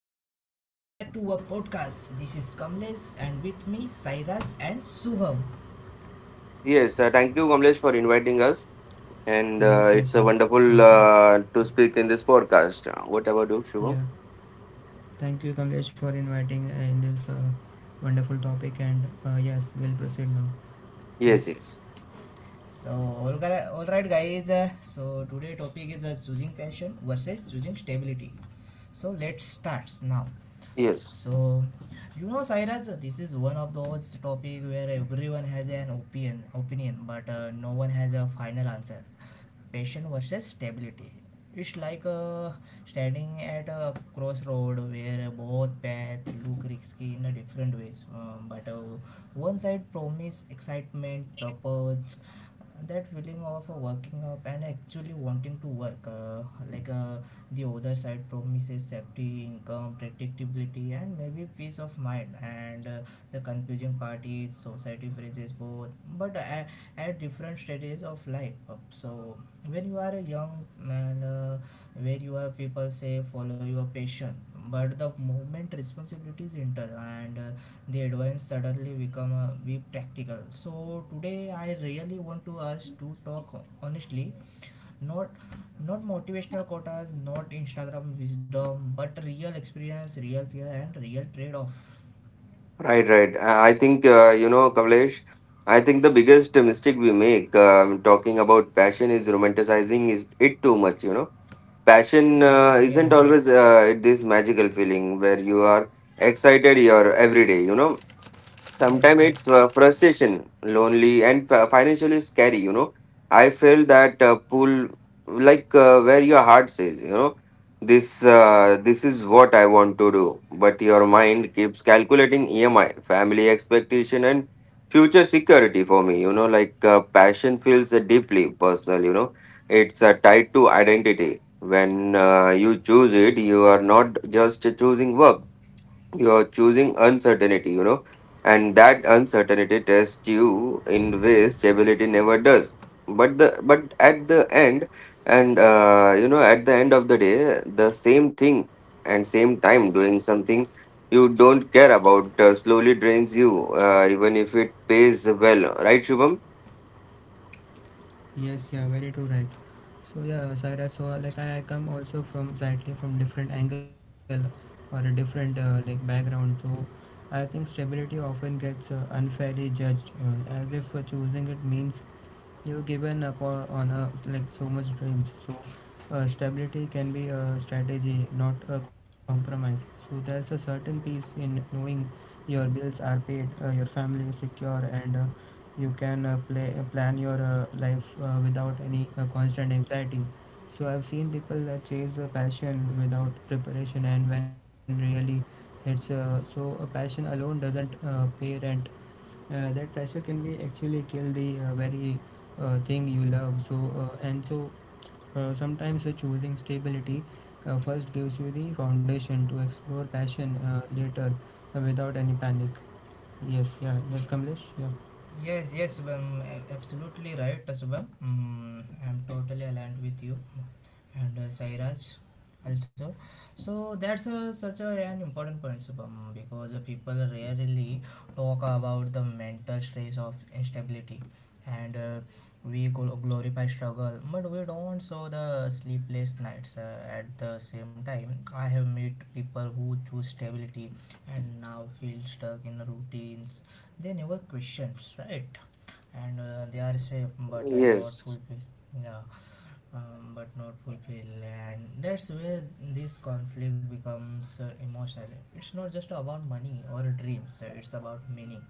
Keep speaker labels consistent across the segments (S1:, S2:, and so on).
S1: everyone, welcome back to our podcast. This is Kamlesh and with me Sairaj and Subham.
S2: Yes, thank you, Kamlesh, for inviting us. And it's a wonderful
S3: Yes, yes,
S2: to speak in this podcast. What about you, Shubham?
S3: yeah. Thank you, Kamlesh, for inviting in this wonderful topic. And yes, we'll proceed
S2: Yes,
S3: now.
S2: yes.
S3: Yeah,
S1: All right guys, so today topic is choosing passion versus choosing stability. So let's start now.
S2: Yes,
S1: So you know Sairaj, this is one of those topic where everyone has an opinion, but no one has a final answer. Passion versus stability, it's like standing at a crossroad where both paths look risky in a different ways, but one side promises excitement purpose, that feeling of working up and actually wanting to work, like uh, the other side promises safety income predictability and maybe peace of mind, and the confusing part is society phrases both, but at, at different stages of life. So when you are a young and where you are people say follow your passion, but the moment responsibilities enter and the advance suddenly become a be practical. So today I really want to us to talk honestly, not not motivational quotas, not Instagram wisdom, but real experience real fear and real trade-off.
S2: right, right. I think, Kamlesh, I think the biggest mistake we make talking about passion is romanticizing is it too much. Passion
S1: yes
S2: isn't always this magical feeling where you are excited your every day. Sometimes
S1: yes,
S2: it's frustration lonely and financially scary. I feel that pull, like where your heart says this is what I want to do, but your mind keeps calculating EMI, family expectation, and future security for me, like passion feels deeply personal, it's tied to identity. When you choose it, you are not just choosing work, you're choosing uncertainty, and that uncertainty tests you in ways stability never does. But at the end, at the end of the day, the same thing and same time doing something you don't care about slowly drains you, even if it pays well, right, Shubham?
S3: yes, yeah, very true, right. So yeah, Saira. Like I come also from slightly from different angle or a different like background. So I think stability often gets unfairly judged as if choosing it means you've given up on a like so much dreams. Stability can be a strategy, not a compromise. So there's a certain peace in knowing your bills are paid, your family is secure, and you can plan your life without any constant anxiety. So I've seen people chase a passion without preparation. And when really it's so a passion alone doesn't pay rent. That pressure can be actually kill the very thing you love. So and so Sometimes choosing stability first gives you the foundation to explore passion later, without any panic. Yes,
S1: yes.
S3: yeah, yes, Kamlesh, yeah.
S1: Yes, yes, Subham, absolutely right, I'm totally aligned with you and Sairaj also. So that's such an important point, Subham, because people rarely talk about the mental stress of instability, and we glorify struggle, but we don't show the sleepless nights. At the same time, I have met people who choose stability and now feel stuck in routines they never questions, right? And they are say but not
S2: Yes.
S1: fulfill. yeah but not fulfill, and that's where this conflict becomes emotional. It's not just about money or dreams, it's about meaning.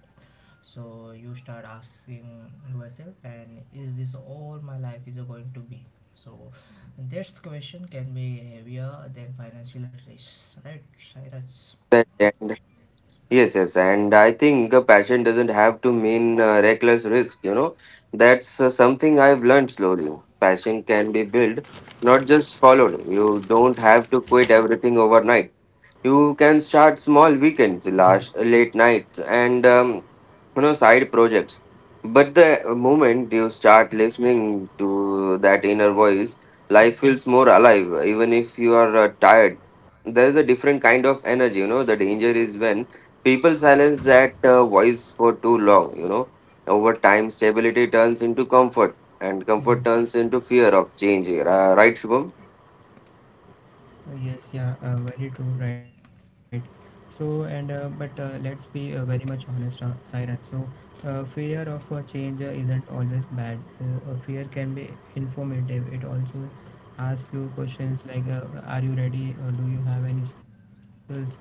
S1: So you start asking yourself, and is this all my life is going to be? So this question can be heavier than financial stress, right Cyrus?
S4: And Yes, and I think a passion doesn't have to mean reckless risk. You know, that's something I've learned slowly. Passion can be built, not just followed. You don't have to quit everything overnight. You can start small, weekends,
S3: Yes,
S4: last late nights, and side projects. But the moment you start listening to that inner voice, life feels more alive even if you are tired. There's a different kind of energy, you know. The danger is when people silence that voice for too long, you know, over time stability turns into comfort and comfort
S3: yes.
S4: turns into fear of change, right, Shubham?
S3: Yes, yeah, very true, right. So, and but Let's be very much honest, Saira. Fear of change isn't always bad. Fear can be informative. It also asks you questions like, are you ready? Or do you have any skills?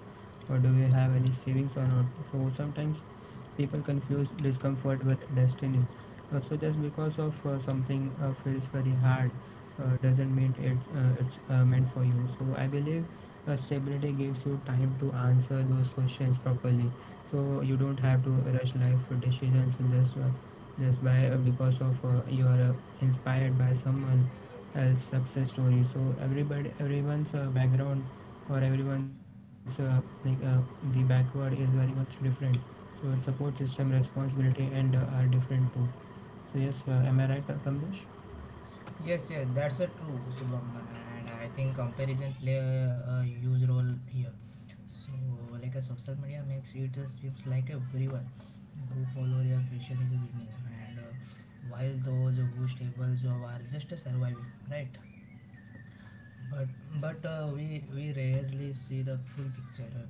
S3: Or do you have any savings or not? So, sometimes people confuse discomfort with destiny. So just because of something feels very hard doesn't mean it's meant for you. So I believe stability gives you time to answer those questions properly. So you don't have to rush life decisions just by because of you are inspired by someone else success story. So everybody everyone's background or everyone's the backward is very much different. So its support system responsibility and are different too. So yes, am I right, Kamlesh?
S1: Yes, yes, that's a true, Shubham, and I think comparison play a huge role here. So, like a social media makes it just seems like everyone who follow their fashion is winning, and while those who stable job are just surviving, right? But but we rarely see the full picture.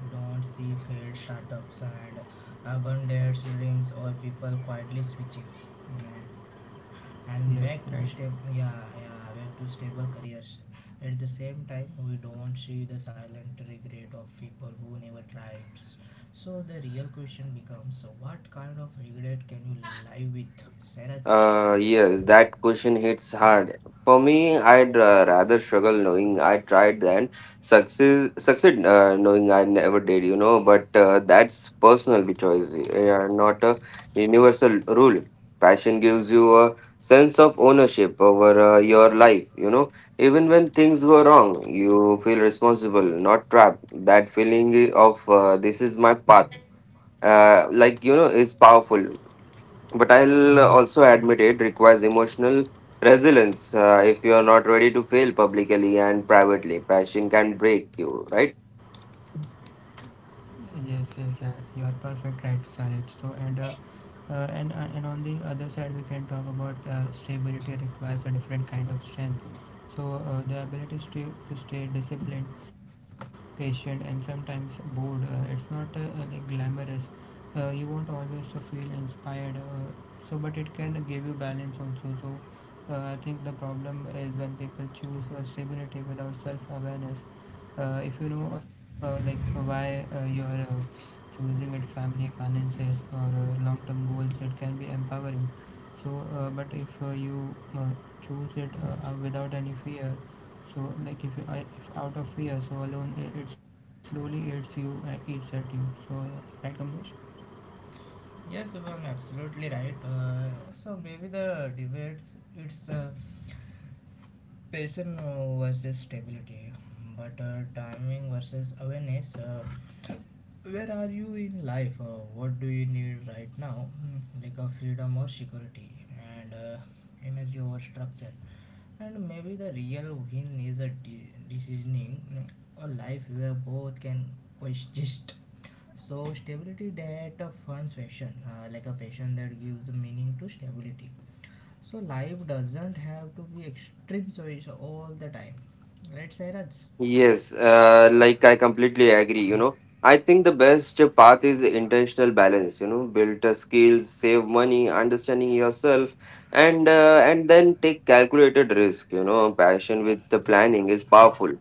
S1: We don't see failed startups and abandoned dreams or people quietly switching. Mm and back to
S3: Yes,
S1: stable,
S3: right.
S1: yeah, yeah, back to stable careers. At the same time, we don't see the silent regret of people who never tried. So the real question becomes, what kind of regret can you live with, Saraj?
S4: Yes, that question hits hard. For me, I'd rather struggle knowing I tried than success succeed knowing I never did, you know. But that's personal choice, eh, not a universal rule. Passion gives you a sense of ownership over your life, you know. Even when things go wrong, you feel responsible, not trapped. That feeling of this is my path, is powerful, but I'll also admit it requires
S3: Yes.
S4: emotional resilience. If you are not ready to fail publicly and privately, passion can break you, right?
S3: Yes, yes, yeah, you are perfect, right, Saraj. And on the other side, we can talk about stability requires a different kind of strength. The ability to stay disciplined, patient, and sometimes bored. It's not like glamorous. You won't always feel inspired. But it can give you balance also. I think the problem is when people choose stability without self-awareness. If you know like why you are choosing it, family finances or long-term goals, it can be empowering. So uh, but if uh, you uh, choose it without any fear, like if out of fear so alone, it slowly eats at you. so uh, right, Kamlesh?
S1: Yes, one absolutely right. So maybe the debates it's passion versus stability, but timing versus awareness. Uh, where are you in life? What do you need right now? Like a freedom or security, and energy or structure. And maybe the real win is a decisioning, a life where both can coexist. So stability that funds passion, like a passion that gives meaning to stability. So life doesn't have to be extreme choice all the time. Right, Sairaj?
S4: Yes, like I completely agree. You know, I think the best path is intentional balance. You know, build skills, save money, understanding yourself, and then take calculated risk. You know, passion with the planning is powerful.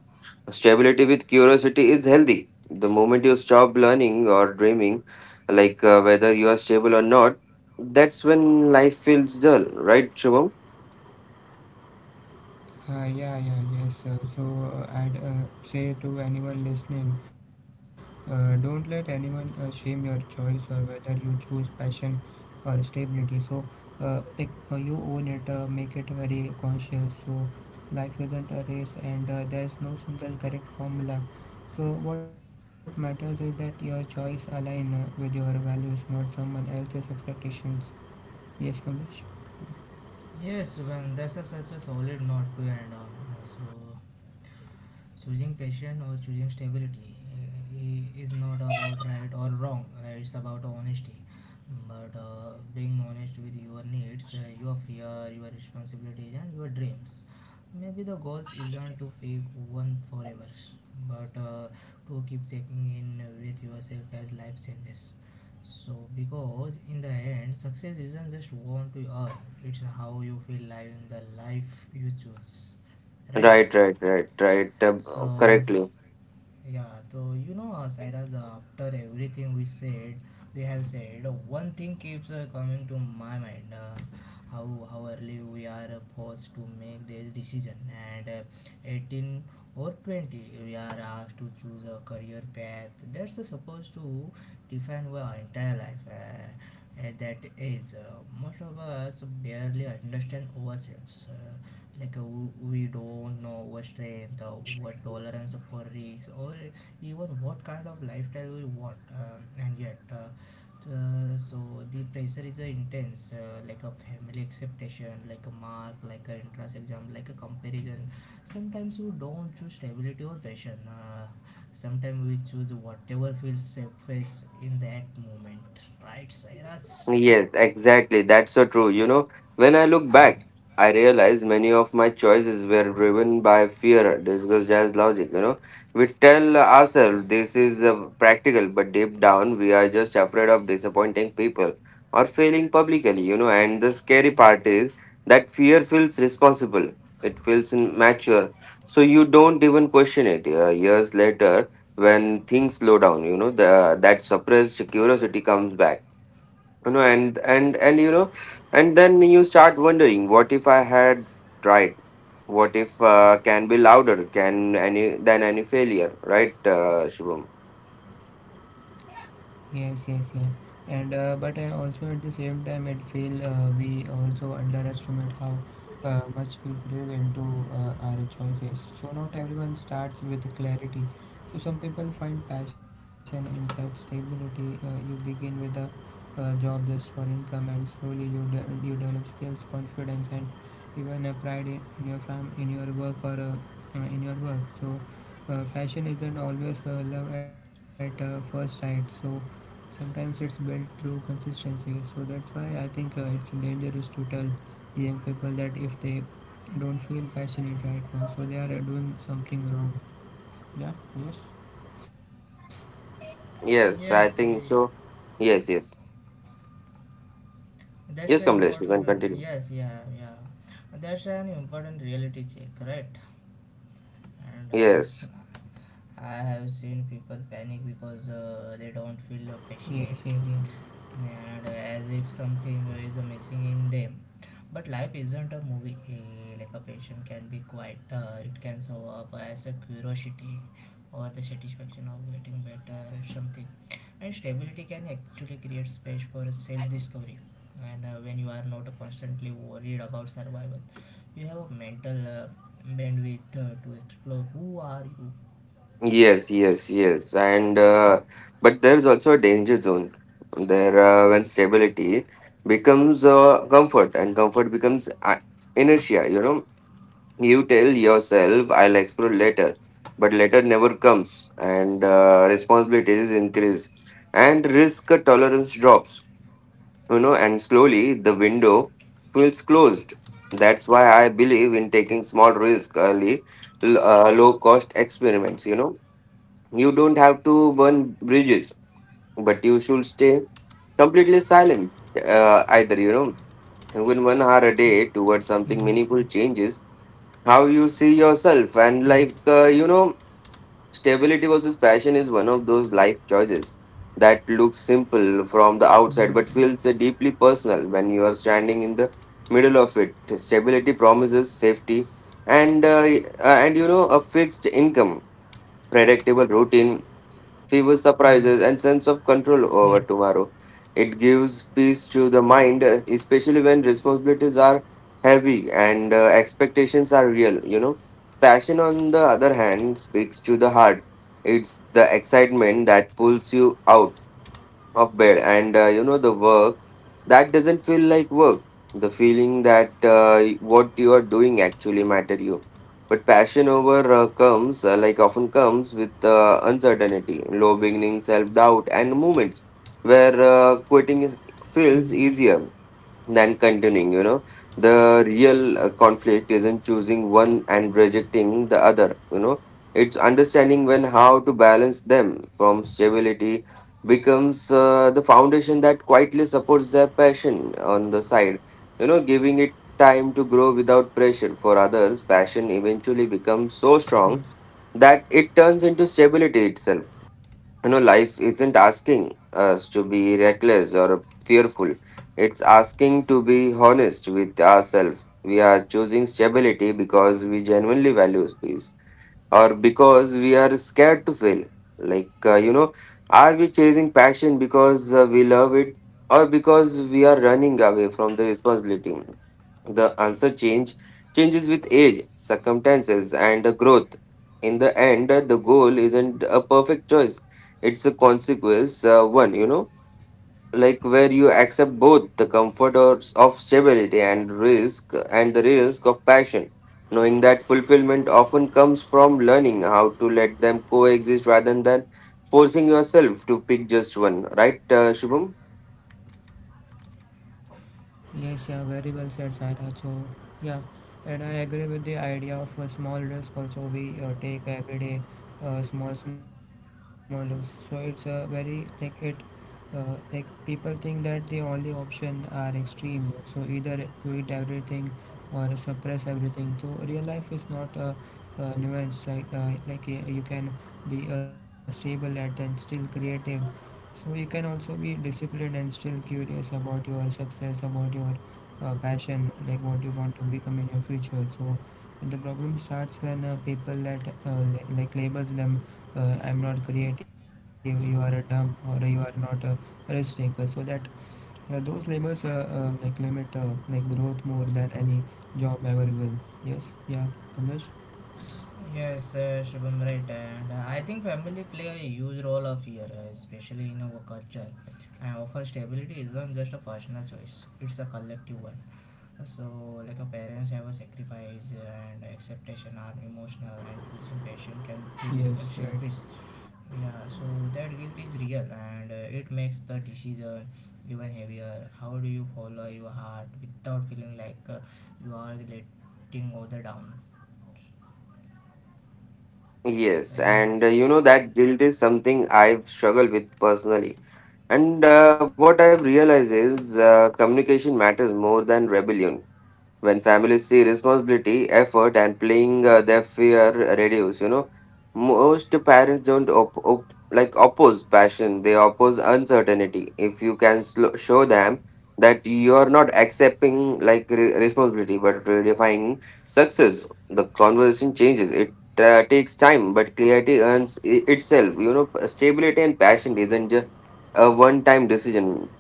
S4: Stability with curiosity is healthy. The moment you stop learning or dreaming, like whether you are stable or not, that's when life feels dull, right, Shubham?
S3: Yeah, yeah, yes. So, I'd say to anyone listening, don't let anyone shame your choice, or whether you choose passion or stability. So, you own it, make it very conscious. So, life isn't a race, and there's no single correct formula. So, what matters is that your choice align with your values, not someone else's expectations. Yes, Kamlesh.
S1: Yes, Subhan, that's such a solid note to end on. So, choosing passion or choosing stability is not about right or wrong, it's about honesty, but being honest with your needs, your fear your responsibilities and your dreams. Maybe the goals isn't to fake one forever, but to keep checking in with yourself as life changes. So because in the end success isn't just want to earn, it's how you feel living the life you choose, right?
S4: Right, right, right, right.
S1: So
S4: Correctly.
S1: yeah, so you know, Cyrus, after everything we said, we have said, one thing keeps coming to my mind, how early we are forced to make this decision. And 18 or 20, we are asked to choose a career path that's supposed to define our entire life. At that age, most of us barely understand ourselves. We don't know our strength or our tolerance for risks, or even what kind of lifestyle we want. Um, and yet uh, uh, so the pressure is intense, like a family expectation, like a mark, like an entrance exam, like a comparison. Sometimes you don't choose stability or passion, sometimes we choose whatever feels safest in that moment, right Sairaj?
S4: Yes, exactly. That's so true. You know, when I look back, I realize many of my choices were driven by fear, disguised as logic. You know, we tell ourselves this is practical, but deep down, we are just afraid of disappointing people or failing publicly. You know, and the scary part is that fear feels responsible, it feels mature, so you don't even question it. Years later, when things slow down, you know, that suppressed curiosity comes back, you know, and you know, and then you start wondering what if I had tried, what if can be louder can any than any failure, right, Shubham?
S3: Yes, yes, yeah. And but I also at the same time it feel we also underestimate how much we give into our choices. So not everyone starts with clarity. So some people find passion in such stability. You begin with a job just for income, and slowly you develop skills, confidence, and even pride in your work or in your work. Passion isn't always love at first sight. So sometimes it's built through consistency. So that's why I think it's dangerous to tell young people that if they don't feel passionate right now, so they are doing something wrong. Yeah, yes,
S4: Yes,
S1: Yes,
S4: I think so. Yes, yes,
S1: That's
S4: yes,
S1: an
S4: Kamlesh, you
S1: important,
S4: can continue.
S1: yes, That's an important reality check, right? And
S4: Yes,
S1: I have seen people panic because they
S3: yes, yes,
S1: don't feel passionate, and as if something is missing in them. But life isn't a movie. Like a patient can be quite, it can show up as a curiosity or the satisfaction of getting better at something. And stability can actually create space for self-discovery. And when you are not constantly worried about survival, you have a mental bandwidth to explore who are you.
S4: yes, yes, yes, and but there's also a danger zone there when stability becomes comfort and comfort becomes inertia, you know. You tell yourself I'll explore later, but later never comes and responsibilities increase and risk tolerance drops, you know, and slowly the window feels closed. That's why I believe in taking small risk early, low cost experiments, you know. You don't have to burn bridges, but you should stay completely silent, either, you know, even 1 hour a day towards something
S3: yeah,
S4: meaningful changes how you see yourself, and
S3: yes, yeah,
S4: stability versus passion is one of those life choices that looks simple from the outside but
S3: yes,
S4: feels deeply personal when you are standing in the middle of it. Stability promises safety and uh, and you know, a fixed income, predictable routine, fewer
S3: yes,
S4: surprises, and sense of
S3: yeah,
S4: control over tomorrow. It gives peace to the mind, especially when responsibilities are heavy and expectations are real. You know, passion, on the other hand, speaks to the heart. It's the excitement that pulls you out of bed, and you know, the work that doesn't feel like work, the feeling that what you are doing actually matter, you. But passion over comes like often comes with uncertainty, low beginning, self doubt, and moments where quitting is feels
S3: yes,
S4: easier than continuing, you know. The real conflict isn't choosing one and rejecting the other, you know. It's understanding when how to balance them. From stability becomes the foundation that quietly supports their passion on the side, you know, giving it time to grow without pressure. For others, passion eventually becomes so strong
S3: yes.
S4: that it turns into stability itself, you know. Life isn't asking us to be reckless or fearful. It's asking to be honest with ourselves. We are choosing stability because we genuinely value peace or because we are scared to fail. Like, you know, are we chasing passion because we love it, or because we are running away from the responsibility? The answer change changes with age, circumstances, and growth. In the end, the goal isn't a perfect choice. It's a consequence, one, you know, like where you accept both the comfort of stability and risk, and the risk of passion. Knowing that fulfillment often comes from learning how to let them coexist rather than forcing yourself to pick just one. Right, Shubham?
S3: Yes, yeah, very well said, Saira. So, yeah, and I agree with the idea of a small risk also. We take every day, small, small risks. So it's a very, like, it, like, People think that the only option are extreme. So either quit everything or suppress everything. So real life is not a, nuance, right? You can be stable at and still creative. So you can also be disciplined and still curious about your success, about your passion, like what you want to become in your future. So the problem starts when people let like labels them, I'm not creative, you are a dumb, or you are not a risk taker. So that Those labels limit growth more than any job ever will. Yes, yeah, Kamlesh?
S1: Yes, Shubham, right. And I think family play a huge role of here, especially in our culture. And offer stability isn't just a personal choice; it's a collective one. So, like a parents have a sacrifice and acceptation are emotional, and choosing patient can feel
S3: Yes,
S1: selfish.
S3: right,
S1: Yeah, so that guilt is real, and it makes the decision even heavier. How do you follow your heart without feeling like you are letting other down?
S4: Yes,
S1: So, yeah.
S4: and you know, that guilt is something I've struggled with personally. And what I've realized is communication matters more than rebellion. When families see responsibility, effort, and playing their fear reduce. You know, most parents don't oppose passion; they oppose uncertainty. If you can show them that you are not accepting responsibility but redefining success, the conversation changes. It takes time, but clarity earns itself. You know, stability and passion isn't just a one-time decision.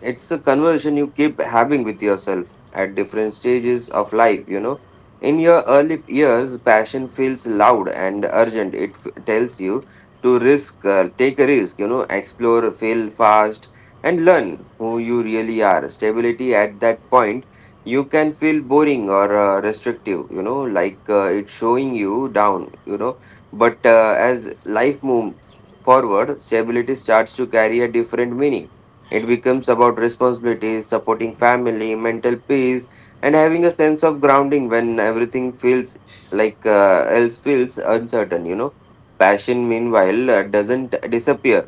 S4: It's a conversation you keep having with yourself at different stages of life, you know. In your early years passion feels loud and urgent. It tells you to risk, take a risk, you know, explore, fail fast, and learn who you really are. Stability at that point you can feel boring or restrictive, you know, like it's showing you down, you know. But as life moves forward, stability starts to carry a different meaning. It becomes about responsibilities, supporting family, mental peace, and having a sense of grounding when everything feels like, else feels uncertain. You know, passion meanwhile doesn't disappear;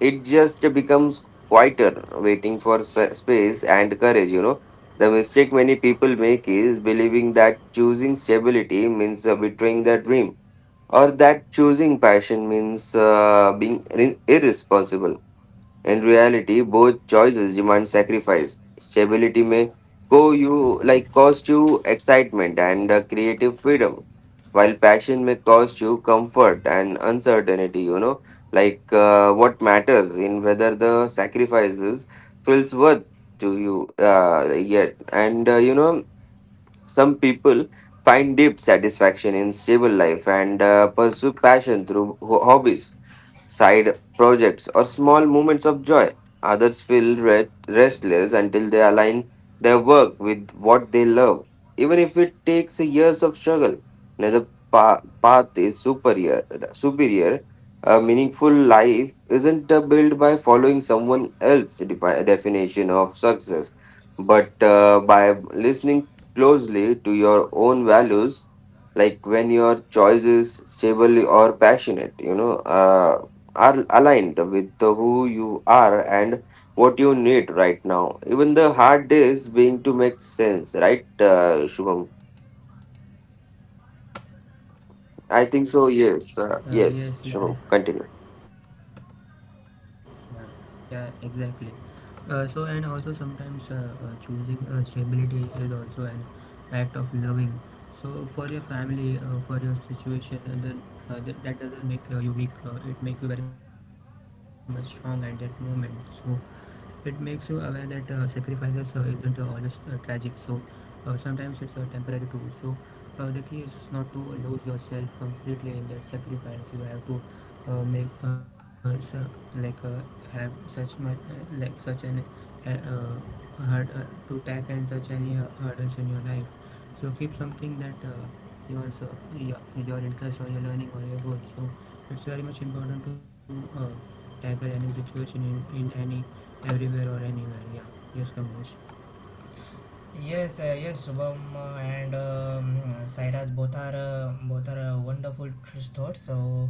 S4: it just becomes quieter, waiting for space and courage. You know, the mistake many people make is believing that choosing stability means betraying their dream, or that choosing passion means being irresponsible. In reality, both choices demand sacrifice. Stability may go you like cost you excitement and creative freedom, while passion may cost you comfort and uncertainty. You know, like what matters in whether the sacrifices feels worth to you, yet. And you know, some people find deep satisfaction in stable life and pursue passion through hobbies, side projects, or small moments of joy. Others feel restless until they align their work with what they love, even if it takes years of struggle. Neither path is superior. Superior, a meaningful life isn't built by following someone else's definition of success, but by listening closely to your own values, like when your choice is stable or passionate, you know, are aligned with the who you are and what you need right now. Even the hard days being to make sense, right, Shubham? I think so. Yes,
S3: yes,
S4: yes,
S3: yeah.
S4: Shubham. Continue.
S3: Yeah, yeah, exactly. And also sometimes choosing stability is also an act of loving. So for your family, for your situation, and then that doesn't make you weak. It makes you very much strong at that moment. So it makes you aware that sacrifices isn't always tragic. Sometimes it's temporary too. The key is not to lose yourself completely in that sacrifice. You have to make su- like have such much like such an hard to tackle such any hurdles in your life. So keep something that your, so- your your interest or your learning or your growth. So it's very much important to type of any situation in any everywhere or anywhere. Yeah, yes, Kamlesh.
S1: Yes, yes, Shubham, and Sairaj, both are wonderful thoughts. So,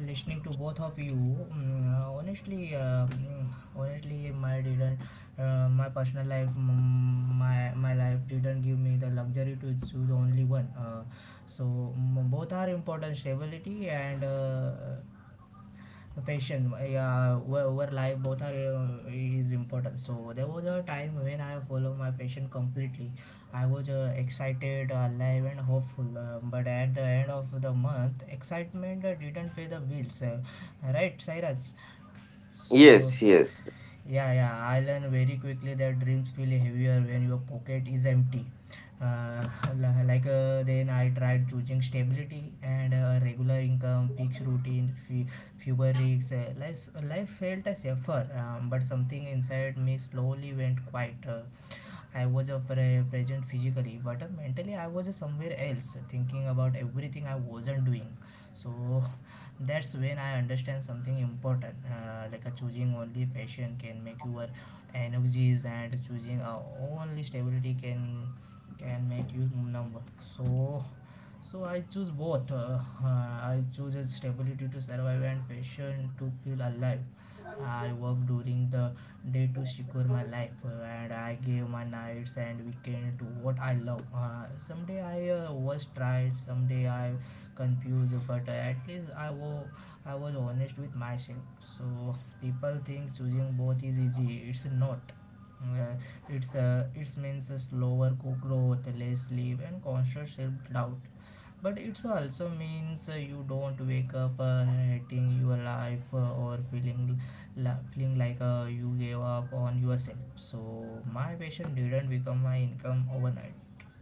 S1: listening to both of you, honestly, my didn't my personal life, mm, my life didn't give me the luxury to choose only one. So, both are important, stability and patient, yeah, where life both are is important. So there was a time when I follow my patient completely. I was excited alive and hopeful, but at the end of the month excitement didn't pay the bills, right Cyrus? So
S4: Yes, yes,
S1: yeah, yeah, I learned very quickly that dreams feel heavier when your pocket is empty. Uh, then I tried choosing stability and regular income, fixed routine, fewer risks. Life felt safer, but something inside me slowly went quiet. I was present physically, but mentally I was somewhere else, thinking about everything I wasn't doing. So that's when I understand something important, like a choosing only passion can make your energies, and choosing only stability can make you number. So so I choose both, I choose a stability to survive and passion to feel alive. I work during the day to secure my life, and I gave my nights and weekend to what I love. Uh, someday I was tried, someday I confused, but at least I was, I was honest with myself. So people think choosing both is easy, it's not. Uh, it's it means a slower growth, less sleep and constant self doubt, but it's also means you don't wake up hating your life, or feeling feeling like you gave up on yourself. So my passion didn't become my income overnight,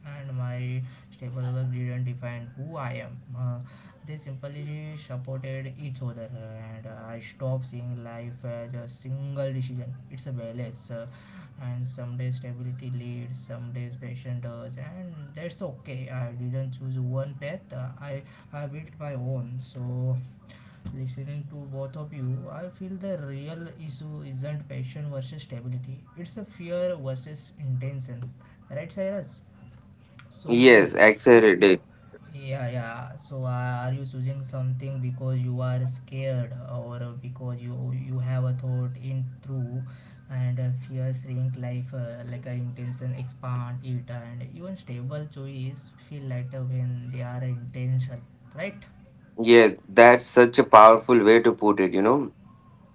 S1: and my stable work didn't define who I am. They simply supported each other, and I stopped seeing life as a single decision, it's a balance. And some days stability leads, some days passion does, and that's okay. I didn't choose one path, I built my own. So listening to both of you, I feel the real issue isn't passion versus stability, it's a fear versus intention, right Cyrus? So
S4: yes. Accelerated.
S1: yeah, yeah. So, are you choosing something because you are scared, or because you have a thought in through? And fear shrink life, like a intention expand it, and even stable choice feel lighter when they are intentional, right?
S4: Yes, that's such a powerful way to put it. You know,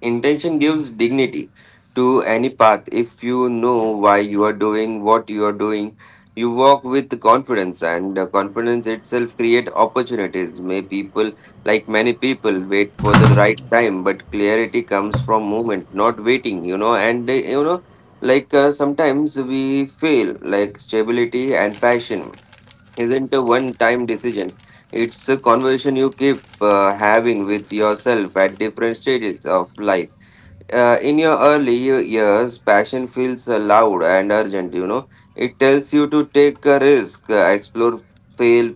S4: intention gives dignity to any path. If you know why you are doing what you are doing, you walk with confidence, and the confidence itself create opportunities. May people, like many people wait for the right time, but clarity comes from movement, not waiting. You know, and you know, like sometimes we fail, like stability and passion isn't a one-time decision. It's a conversation you keep having with yourself at different stages of life. Uh, in your early years, passion feels loud and urgent. You know, it tells you to take a risk, explore, fail,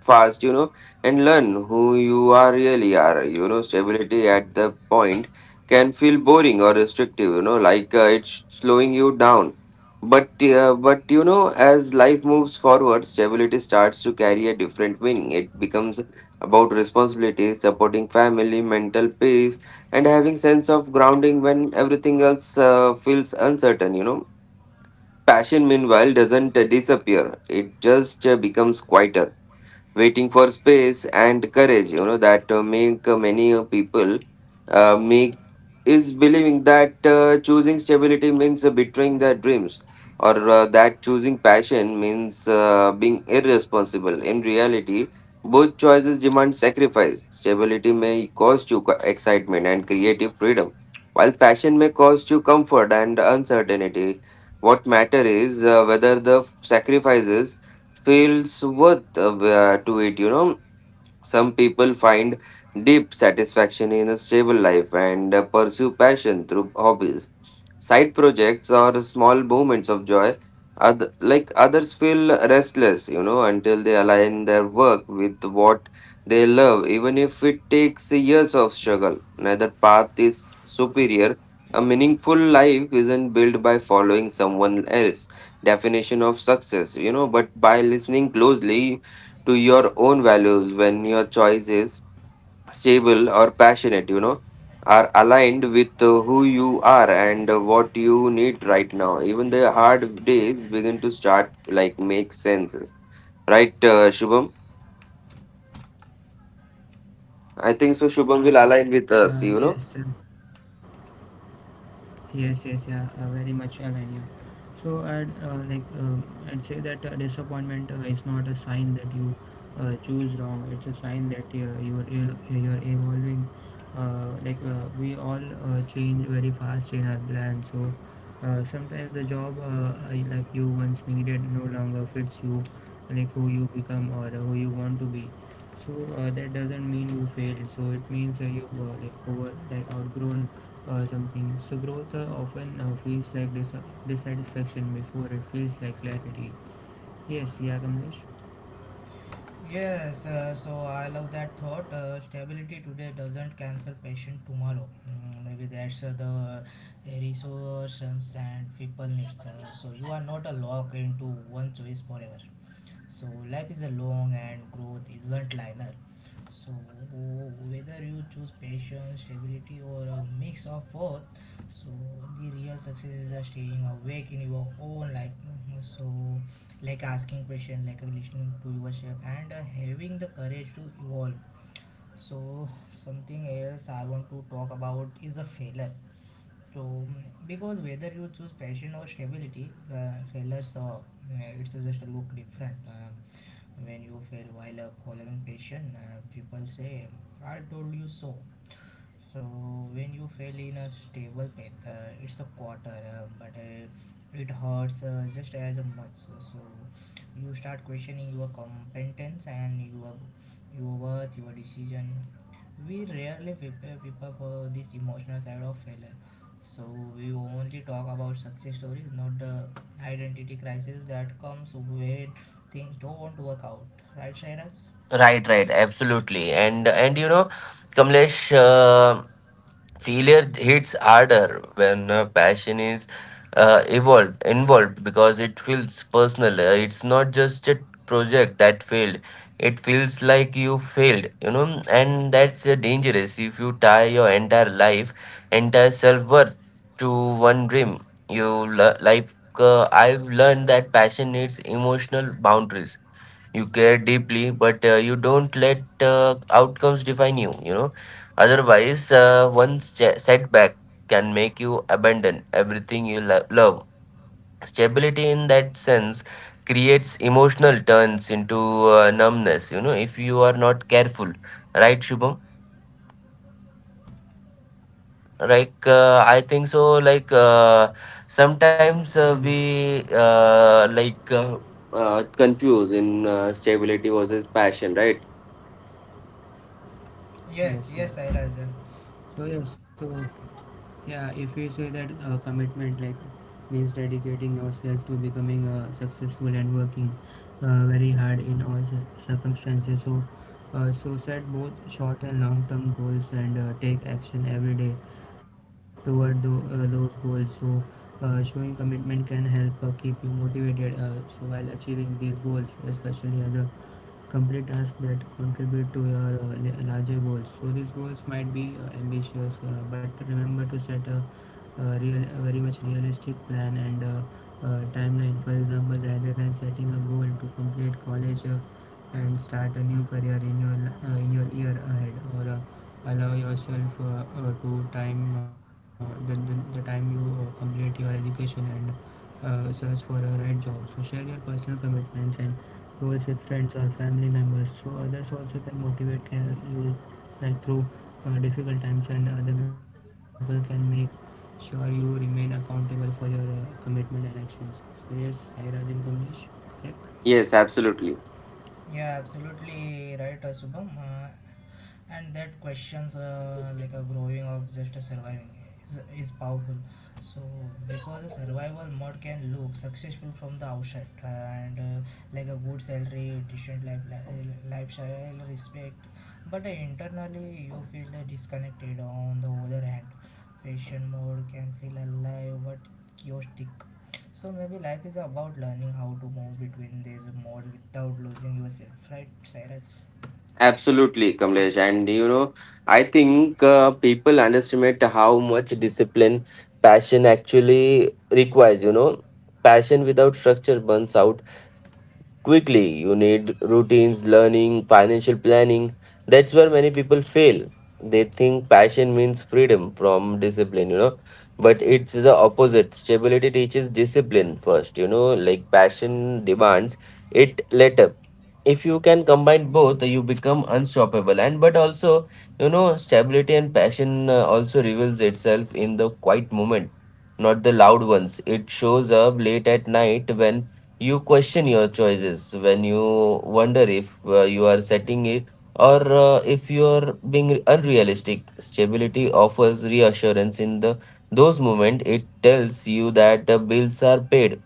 S4: fast, you know, and learn who you are really are. You know, stability at the point can feel boring or restrictive. You know, like it's slowing you down. But you know, as life moves forward, stability starts to carry a different meaning. It becomes about responsibilities, supporting family, mental peace, and having sense of grounding when everything else feels uncertain. You know, passion meanwhile doesn't disappear. It just becomes quieter, waiting for space and courage, you know, that make many people make is believing that choosing stability means betraying their dreams, or that choosing passion means being irresponsible. In reality, both choices demand sacrifice. Stability may cost you excitement and creative freedom, while passion may cost you comfort and uncertainty. What matter is whether the sacrifices feels worth to it, you know. Some people find deep satisfaction in a stable life and pursue passion through hobbies, side projects, or small moments of joy. Others feel restless, you know, until they align their work with what they love, even if it takes years of struggle. Neither path is superior. A meaningful life isn't built by following someone else's definition of success, you know, but by listening closely to your own values. When your choices, stable or passionate, you know, are aligned with who you are and what you need right now, even the hard days begin to start make senses, right? Shubham, I think so, Shubham will align with us, you know.
S3: Yes, sir. Yes, yes, yeah, very much align, yeah. So I'd I'd say that disappointment is not a sign that you choose wrong. It's a sign that you're evolving. Like we all change very fast in our plans. So sometimes the job, like you once needed no longer fits you, like who you become or who you want to be. So that doesn't mean you failed. So it means you were like over like outgrown or something. So growth often feels like dissatisfaction before it feels like clarity. Yes, yeah, Kamlesh.
S1: Yes, so I love that thought. Stability today doesn't cancel patient tomorrow. Mm, maybe that's the resources and people needs. So you are not a lock into one choice forever. So life is a long and growth isn't linear. So whether you choose patience, stability or a mix of both, so the real success is staying awake in your own life. So like asking questions, like listening to yourself, and having the courage to evolve. So something else I want to talk about is a failure. So, because whether you choose passion or stability, the failures or it's just look different. When you fail while following passion, people say, "I told you so." So when you fail in a stable path, it's a quarter, but it hurts just as much. So you start questioning your competence and your worth, your decision. We rarely whip up this emotional side of failure. So we only talk about success stories, not the identity crisis that comes when things don't work out. Right, Shairaj?
S4: Right, right, absolutely. And you know, Kamlesh, failure hits harder when passion is evolved involved, because it feels personal. It's not just a project that failed, it feels like you failed, you know. And that's dangerous. If you tie your entire life, entire self-worth, to one dream, you l- like I've learned that passion needs emotional boundaries. You care deeply, but you don't let outcomes define you, you know. Otherwise one setback can make you abandon everything you love. Stability in that sense creates emotional turns into numbness, you know, if you are not careful. Right, Shubham? I think so, sometimes
S3: Yes,
S4: we uh, like uh, confuse in stability versus passion, right?
S1: Yes,
S3: yes,
S1: yes,
S3: yeah.
S1: Sairaj.
S3: So yes, so yeah, if we say that commitment like means dedicating yourself to becoming successful and working very hard in all circumstances. So, set both short and long term goals, and take action every day toward those goals. So, showing commitment can help keep you motivated. While achieving these goals, especially as a complete tasks that contribute to your larger goals. So these goals might be ambitious, but remember to set a very much realistic plan and timeline. For example, rather than setting a goal to complete college and start a new career in your year ahead, or allow yourself to time the, the time you complete your education and search for a right job. So share your personal commitments and goals with friends or family members, so others also can motivate can you like through difficult times, and other people can make sure you remain accountable for your commitment and actions. So yes, I, Rajan, Kamlesh, correct.
S4: Yes, absolutely.
S1: Yeah, absolutely right, Shubham. And that questions like a growing of just a surviving is powerful, so because a survival mode can look successful from the outside, and like a good salary, decent life, lifestyle, respect, but internally you feel disconnected. On the other hand, fashion mode can feel alive but chaotic. So maybe life is about learning how to move between these mode without losing yourself, right, Cyrus?
S4: Absolutely, Kamlesh. And you know, I think people underestimate how much discipline passion actually requires. You know, passion without structure burns out quickly. You need routines, learning, financial planning. That's where many people fail. They think passion means freedom from discipline, you know, but it's the opposite. Stability teaches discipline first, you know, like passion demands it later. If you can combine both, you become unstoppable. And but also, you know, stability and passion also reveals itself in the quiet moment, not the loud ones. It shows up late at night when you question your choices, when you wonder if you are setting it or if you are being unrealistic. Stability offers reassurance in the those moments. It tells you that the bills are paid,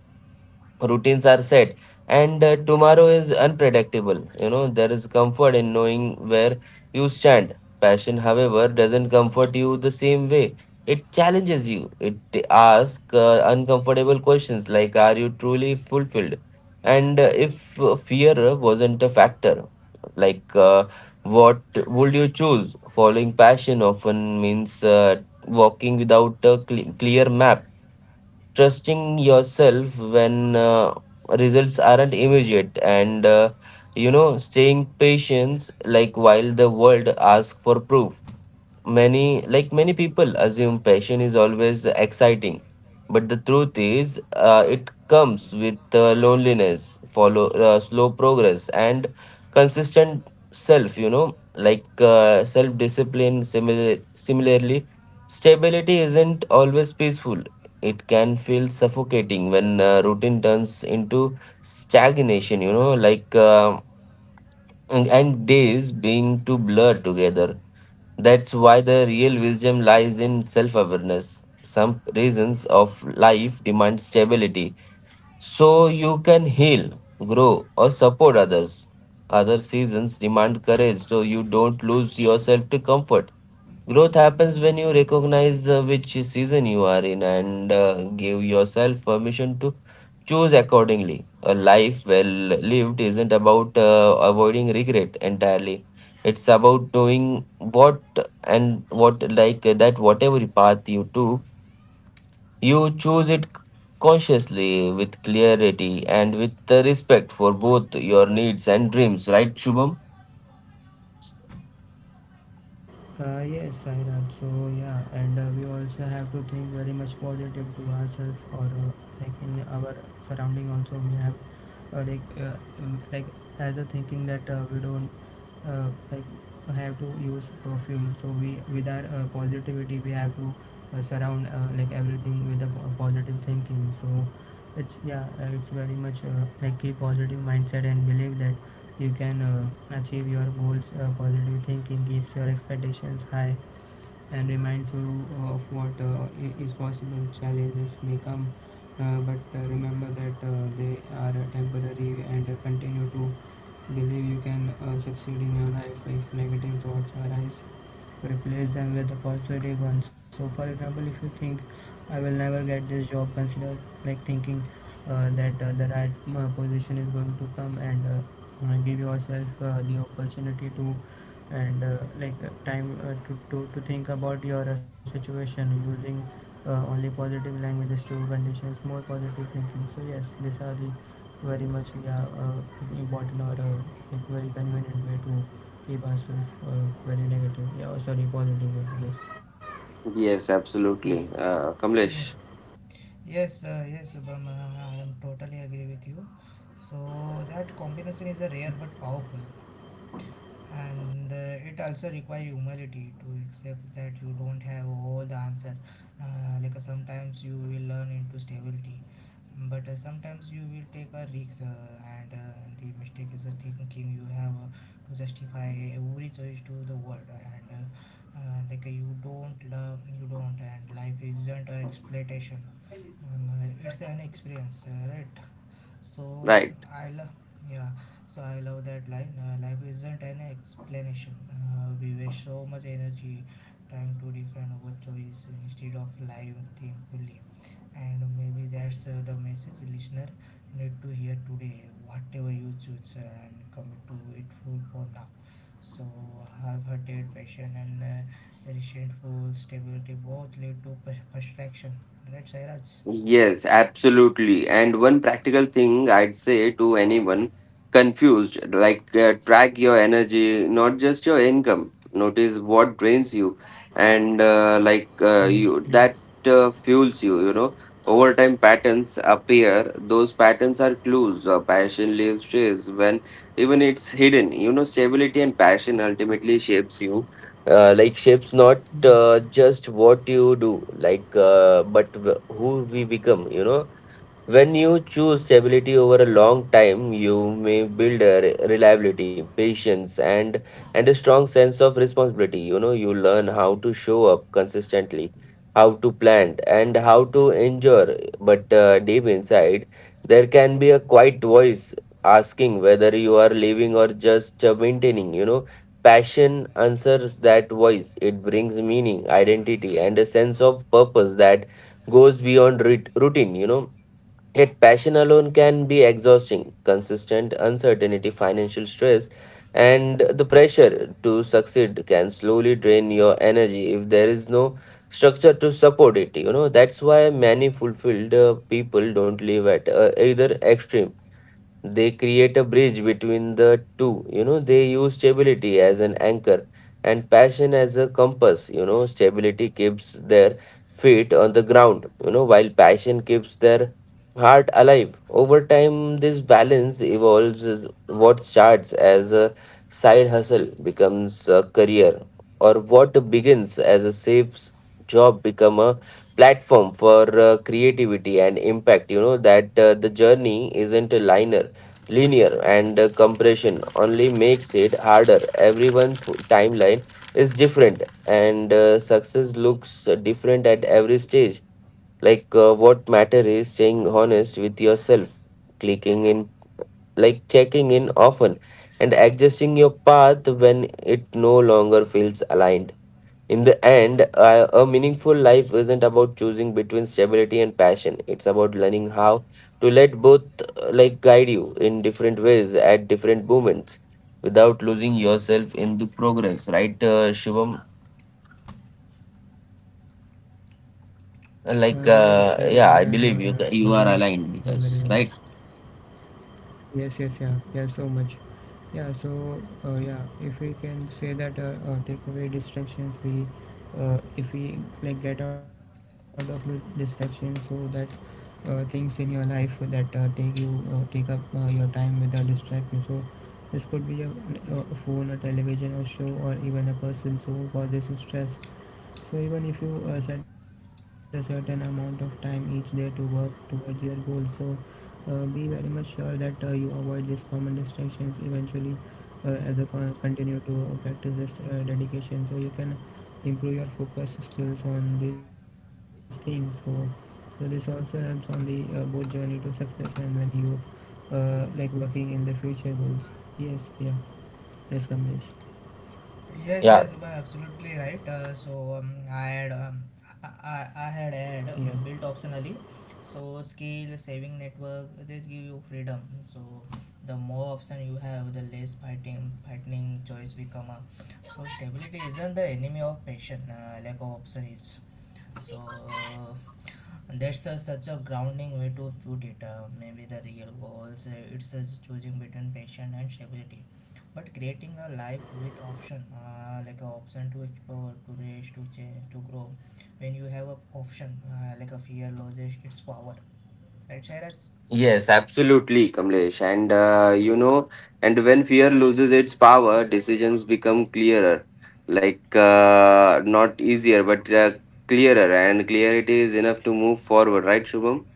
S4: routines are set, and tomorrow is unpredictable, you know. There is comfort in knowing where you stand. Passion, however, doesn't comfort you the same way. It challenges you. It asks uncomfortable questions like, are you truly fulfilled? And if fear wasn't a factor, like, uh, what would you choose? Following passion often means walking without a clear map, trusting yourself when results aren't immediate, and you know, staying patient, like, while the world asks for proof. Many people assume passion is always exciting, but the truth is, it comes with loneliness, follow slow progress, and consistent self. You know, like self-discipline. Similarly, stability isn't always peaceful. It can feel suffocating when routine turns into stagnation. You know, like and days being too blurred together. That's why the real wisdom lies in self awareness. Some reasons of life demand stability so you can heal, grow, or support others. Other seasons demand courage so you don't lose yourself to comfort. Growth happens when you recognize which season you are in and give yourself permission to choose accordingly. A life well lived isn't about avoiding regret entirely. It's about doing what, and what like that whatever path you took, you choose it consciously, with clarity and with respect for both your needs and dreams. Right, Shubham?
S3: Yes, Sairaj. So yeah, and we also have to think very much positive to ourselves or like in our surrounding. Also, we have uh, like uh, um, like as a thinking that we don't uh, like have to use perfume. So we with our positivity, we have to surround like everything with a positive thinking. So it's yeah, it's very much like a positive mindset and believe that you can achieve your goals. Positive thinking keeps your expectations high and reminds you of what is possible. Challenges may come, but remember that they are temporary and continue to believe you can succeed in your life. If negative thoughts arise, replace them with the positive ones. So for example, if you think I will never get this job, consider like thinking that the right position is going to come, and give yourself the opportunity to and like time to, to think about your situation using only positive languages to conditions more positive thinking. So yes, these are the very much yeah, important or like very convenient way to keep ourselves very negative. Yeah, oh, sorry, positive. Yes,
S4: Yes,
S3: yes.
S4: absolutely. Kamlesh,
S1: Yes, yes, Subham, I am totally agree with you. So that combination is a rare but powerful, and it also require humility to accept that you don't have all the answer, sometimes you will learn into stability, but sometimes you will take a risk, and the mistake is the thinking you have to justify every choice to the world, and you don't love, you don't, and life isn't an exploitation, it's an experience, right? So
S4: right.
S1: I yeah, so I love that line. Life isn't an explanation. We waste so much energy trying to defend our choice instead of living thankfully. And maybe that's the message listener need to hear today. Whatever you choose, and commit to it full for now. So have hearted passion and resentful stability both lead to frustration. Right, Sairaj?
S4: Yes, absolutely. And one practical thing I'd say to anyone confused, track your energy, not just your income. Notice what drains you, and you
S3: Yes,
S4: that
S3: yeah,
S4: fuels you. You know, over time patterns appear. Those patterns are clues. Passion leaves traces when even it's hidden. You know, stability and passion ultimately shapes you. Like shapes not
S3: yes.
S4: just what you do, but who we become, you know. When you choose stability over a long time, you may build reliability, patience, and a strong sense of responsibility. You know, you learn how to show up consistently, how to plan, and how to endure. But deep inside, there can be a quiet voice asking whether you are living or just maintaining. You know, passion answers that voice. It brings meaning, identity, and a sense of purpose that goes beyond routine. You know, yet passion alone can be exhausting. Consistent uncertainty, financial stress, and the pressure to succeed can slowly drain your energy if there is no structure to support it. You know, that's why many fulfilled people don't live at either extreme. They create a bridge between the two, you know. They use stability as an anchor and passion as a compass, you know. Stability keeps their feet on the ground, you know, while passion keeps their heart alive. Over time this balance evolves, as what starts as a side hustle becomes a career, or what begins as a safe job become a platform for creativity and impact, you know. That the journey isn't a linear linear and compression only makes it harder. Everyone's timeline is different and success looks different at every stage. What matter is staying honest with yourself, clicking in like checking in often, and adjusting your path when it no longer feels aligned. In the end, a meaningful life isn't about choosing between stability and passion. It's about learning how to let both guide you in different ways at different moments, without losing yourself in the progress, right, Shubham?
S3: Yes, yes.
S4: Like,
S3: Sahira, you are
S4: yeah, I
S3: very
S4: believe
S3: much,
S4: you are
S3: very
S4: aligned
S3: much.
S4: with us, right?
S3: Yes, yes, yeah, yeah, so much. Yeah, so yeah, if we can say that take away distractions, we if we like get out of the distractions, so that things in your life that take up your time without distract you. So this could be a phone, a television, or show, or even a person. So causes you stress. So even if you set a certain amount of time each day to work towards your goal, so be very much sure that you avoid these common distractions. Eventually, as you continue to practice this dedication, so you can improve your focus skills on these things. So, so this also helps on the both journey to success and when you like working in the future goals. Yes, yeah, yes, Kamlesh.
S1: Yes, yes,
S4: Yeah,
S1: you are absolutely right. So I had
S3: Yeah,
S1: had built optionally. So scale saving network this give you freedom. So the more option you have, the less fighting choice become. So stability isn't the enemy of passion. Lack of option is. So that's a, such a grounding way to put it, maybe the real goals it's just choosing between passion and stability, but creating a life with option, like a option to explore, to raise, to change, to grow. When you have a option, like a fear loses its power, right, Sairaj?
S4: yes, absolutely, Kamlesh. And you know, and when fear loses its power, decisions become clearer. Not easier, but clearer. And clarity is enough to move forward, right, Shubham?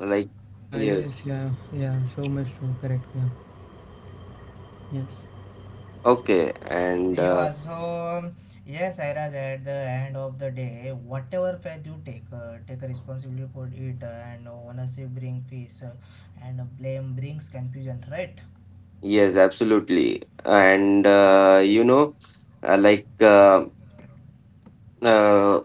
S4: Like,
S3: yes,
S4: yes.
S3: yeah, yeah. So much true. Correct. Yeah, yes.
S4: Okay. And
S1: Yeah, so yes, Sairaj, at the end of the day whatever path you take, take a responsibility for it, and ownership bring peace, and blame brings confusion, right?
S4: yes, absolutely. And you know, uh, like uh, uh,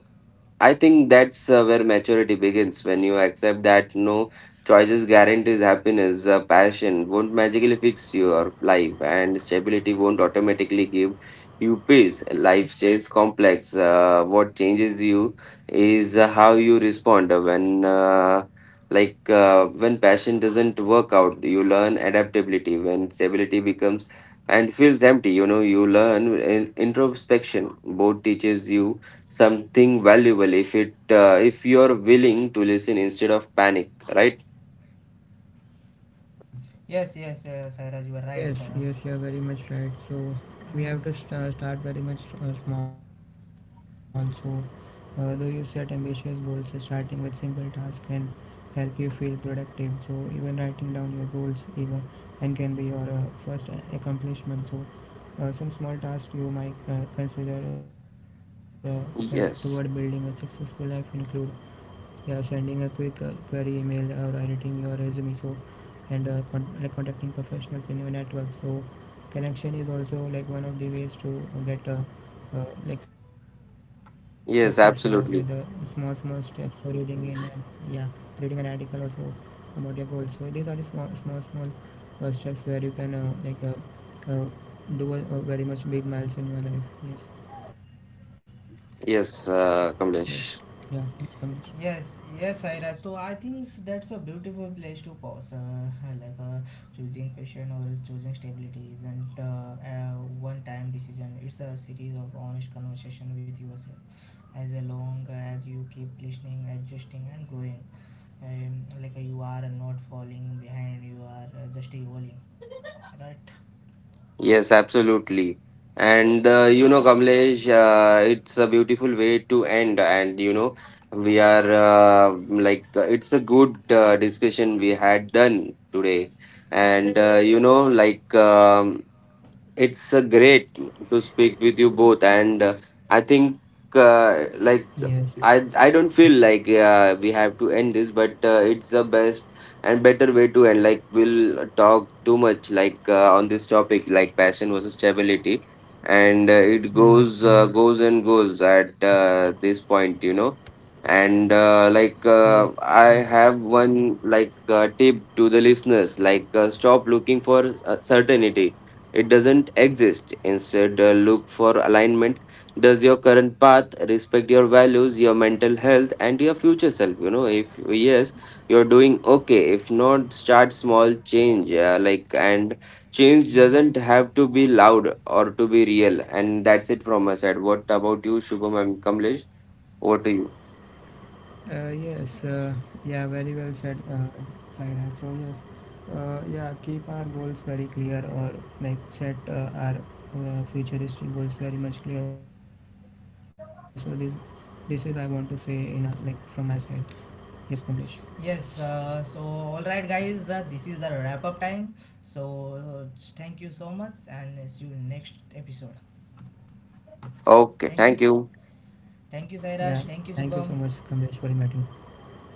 S4: I think that's where maturity begins, when you accept that no choices guarantees happiness. Passion won't magically fix your life, and stability won't automatically give you peace. Life stays complex. What changes you is how you respond when, when passion doesn't work out. You learn adaptability. When stability becomes and feels empty, you know, you learn introspection. Both teaches you something valuable if it if you're willing to listen instead of panic, right?
S1: Yes, yes, Sairaj, you are right.
S3: Yes, yes, you're very much right. So we have
S1: Uh,
S3: to start very much small. So though you set ambitious goals, starting with simple tasks can help you feel productive. So even writing down your goals even and can be your first accomplishment. So some small tasks you might consider like toward building a successful
S4: Yes,
S3: life include yeah sending a quick query email or editing your resume. So and contacting professionals in your network. So connection is also like one of the ways to get success with
S4: yes,
S3: small small
S4: absolutely.
S3: steps. So reading in and yeah reading an article also about your goal. So these are the small small small steps where you can do a very much big miles in your life. Yes, yes,
S4: Yes,
S3: yeah, it's
S4: Kamlesh.
S3: Kamlesh.
S1: yes, yes, Sairaj. So I think that's a beautiful place to pause. Like uh, choosing passion or choosing stability isn't a one-time decision. It's a series of honest conversation with yourself. As long as you keep listening, adjusting, and growing, you are not falling behind. You are just evolving, right?
S4: Yes, absolutely. And you know, Kamlesh, it's a beautiful way to end. And you know, we are it's a good discussion we had done today. And you know, like it's a great to speak with you both, and I think
S3: Yes.
S4: uh, like I don't feel like we have to end this, but it's the best and better way to end. Like we'll talk too much, on this topic, like passion versus stability, and it
S3: Yes,
S4: goes
S3: yes,
S4: and goes at this point, you know. And
S3: yes, yeah,
S4: I have one tip to the listeners, stop looking for certainty, it doesn't
S3: yes.
S4: exist. Instead, look for alignment. Does your current path respect your values, your mental health, and your future self? You know, if yes, you're doing okay. If not, start small change. Like, and Change doesn't have to be loud or to be real. And that's it from my side. What about you, Shubham and Kamlesh? Over to you.
S3: Yes,
S1: Yes.
S3: yeah, very well said, Saira. So yes, yeah, keep our goals very clear, or like set our futuristic goals very much clear. So this is I want to say in a, like from my side. Yes, Kamlesh.
S1: Yes, so all right, guys, this is the wrap up time. So thank you so much, and see you next episode.
S4: Okay,
S1: Thank,
S4: thank
S3: Yeah,
S4: you.
S3: thank you so much,
S1: thank you,
S3: Kamlesh, for
S1: Sairaj. Thank you,
S3: inviting.
S1: Shubham.
S3: Yes, yeah, bye.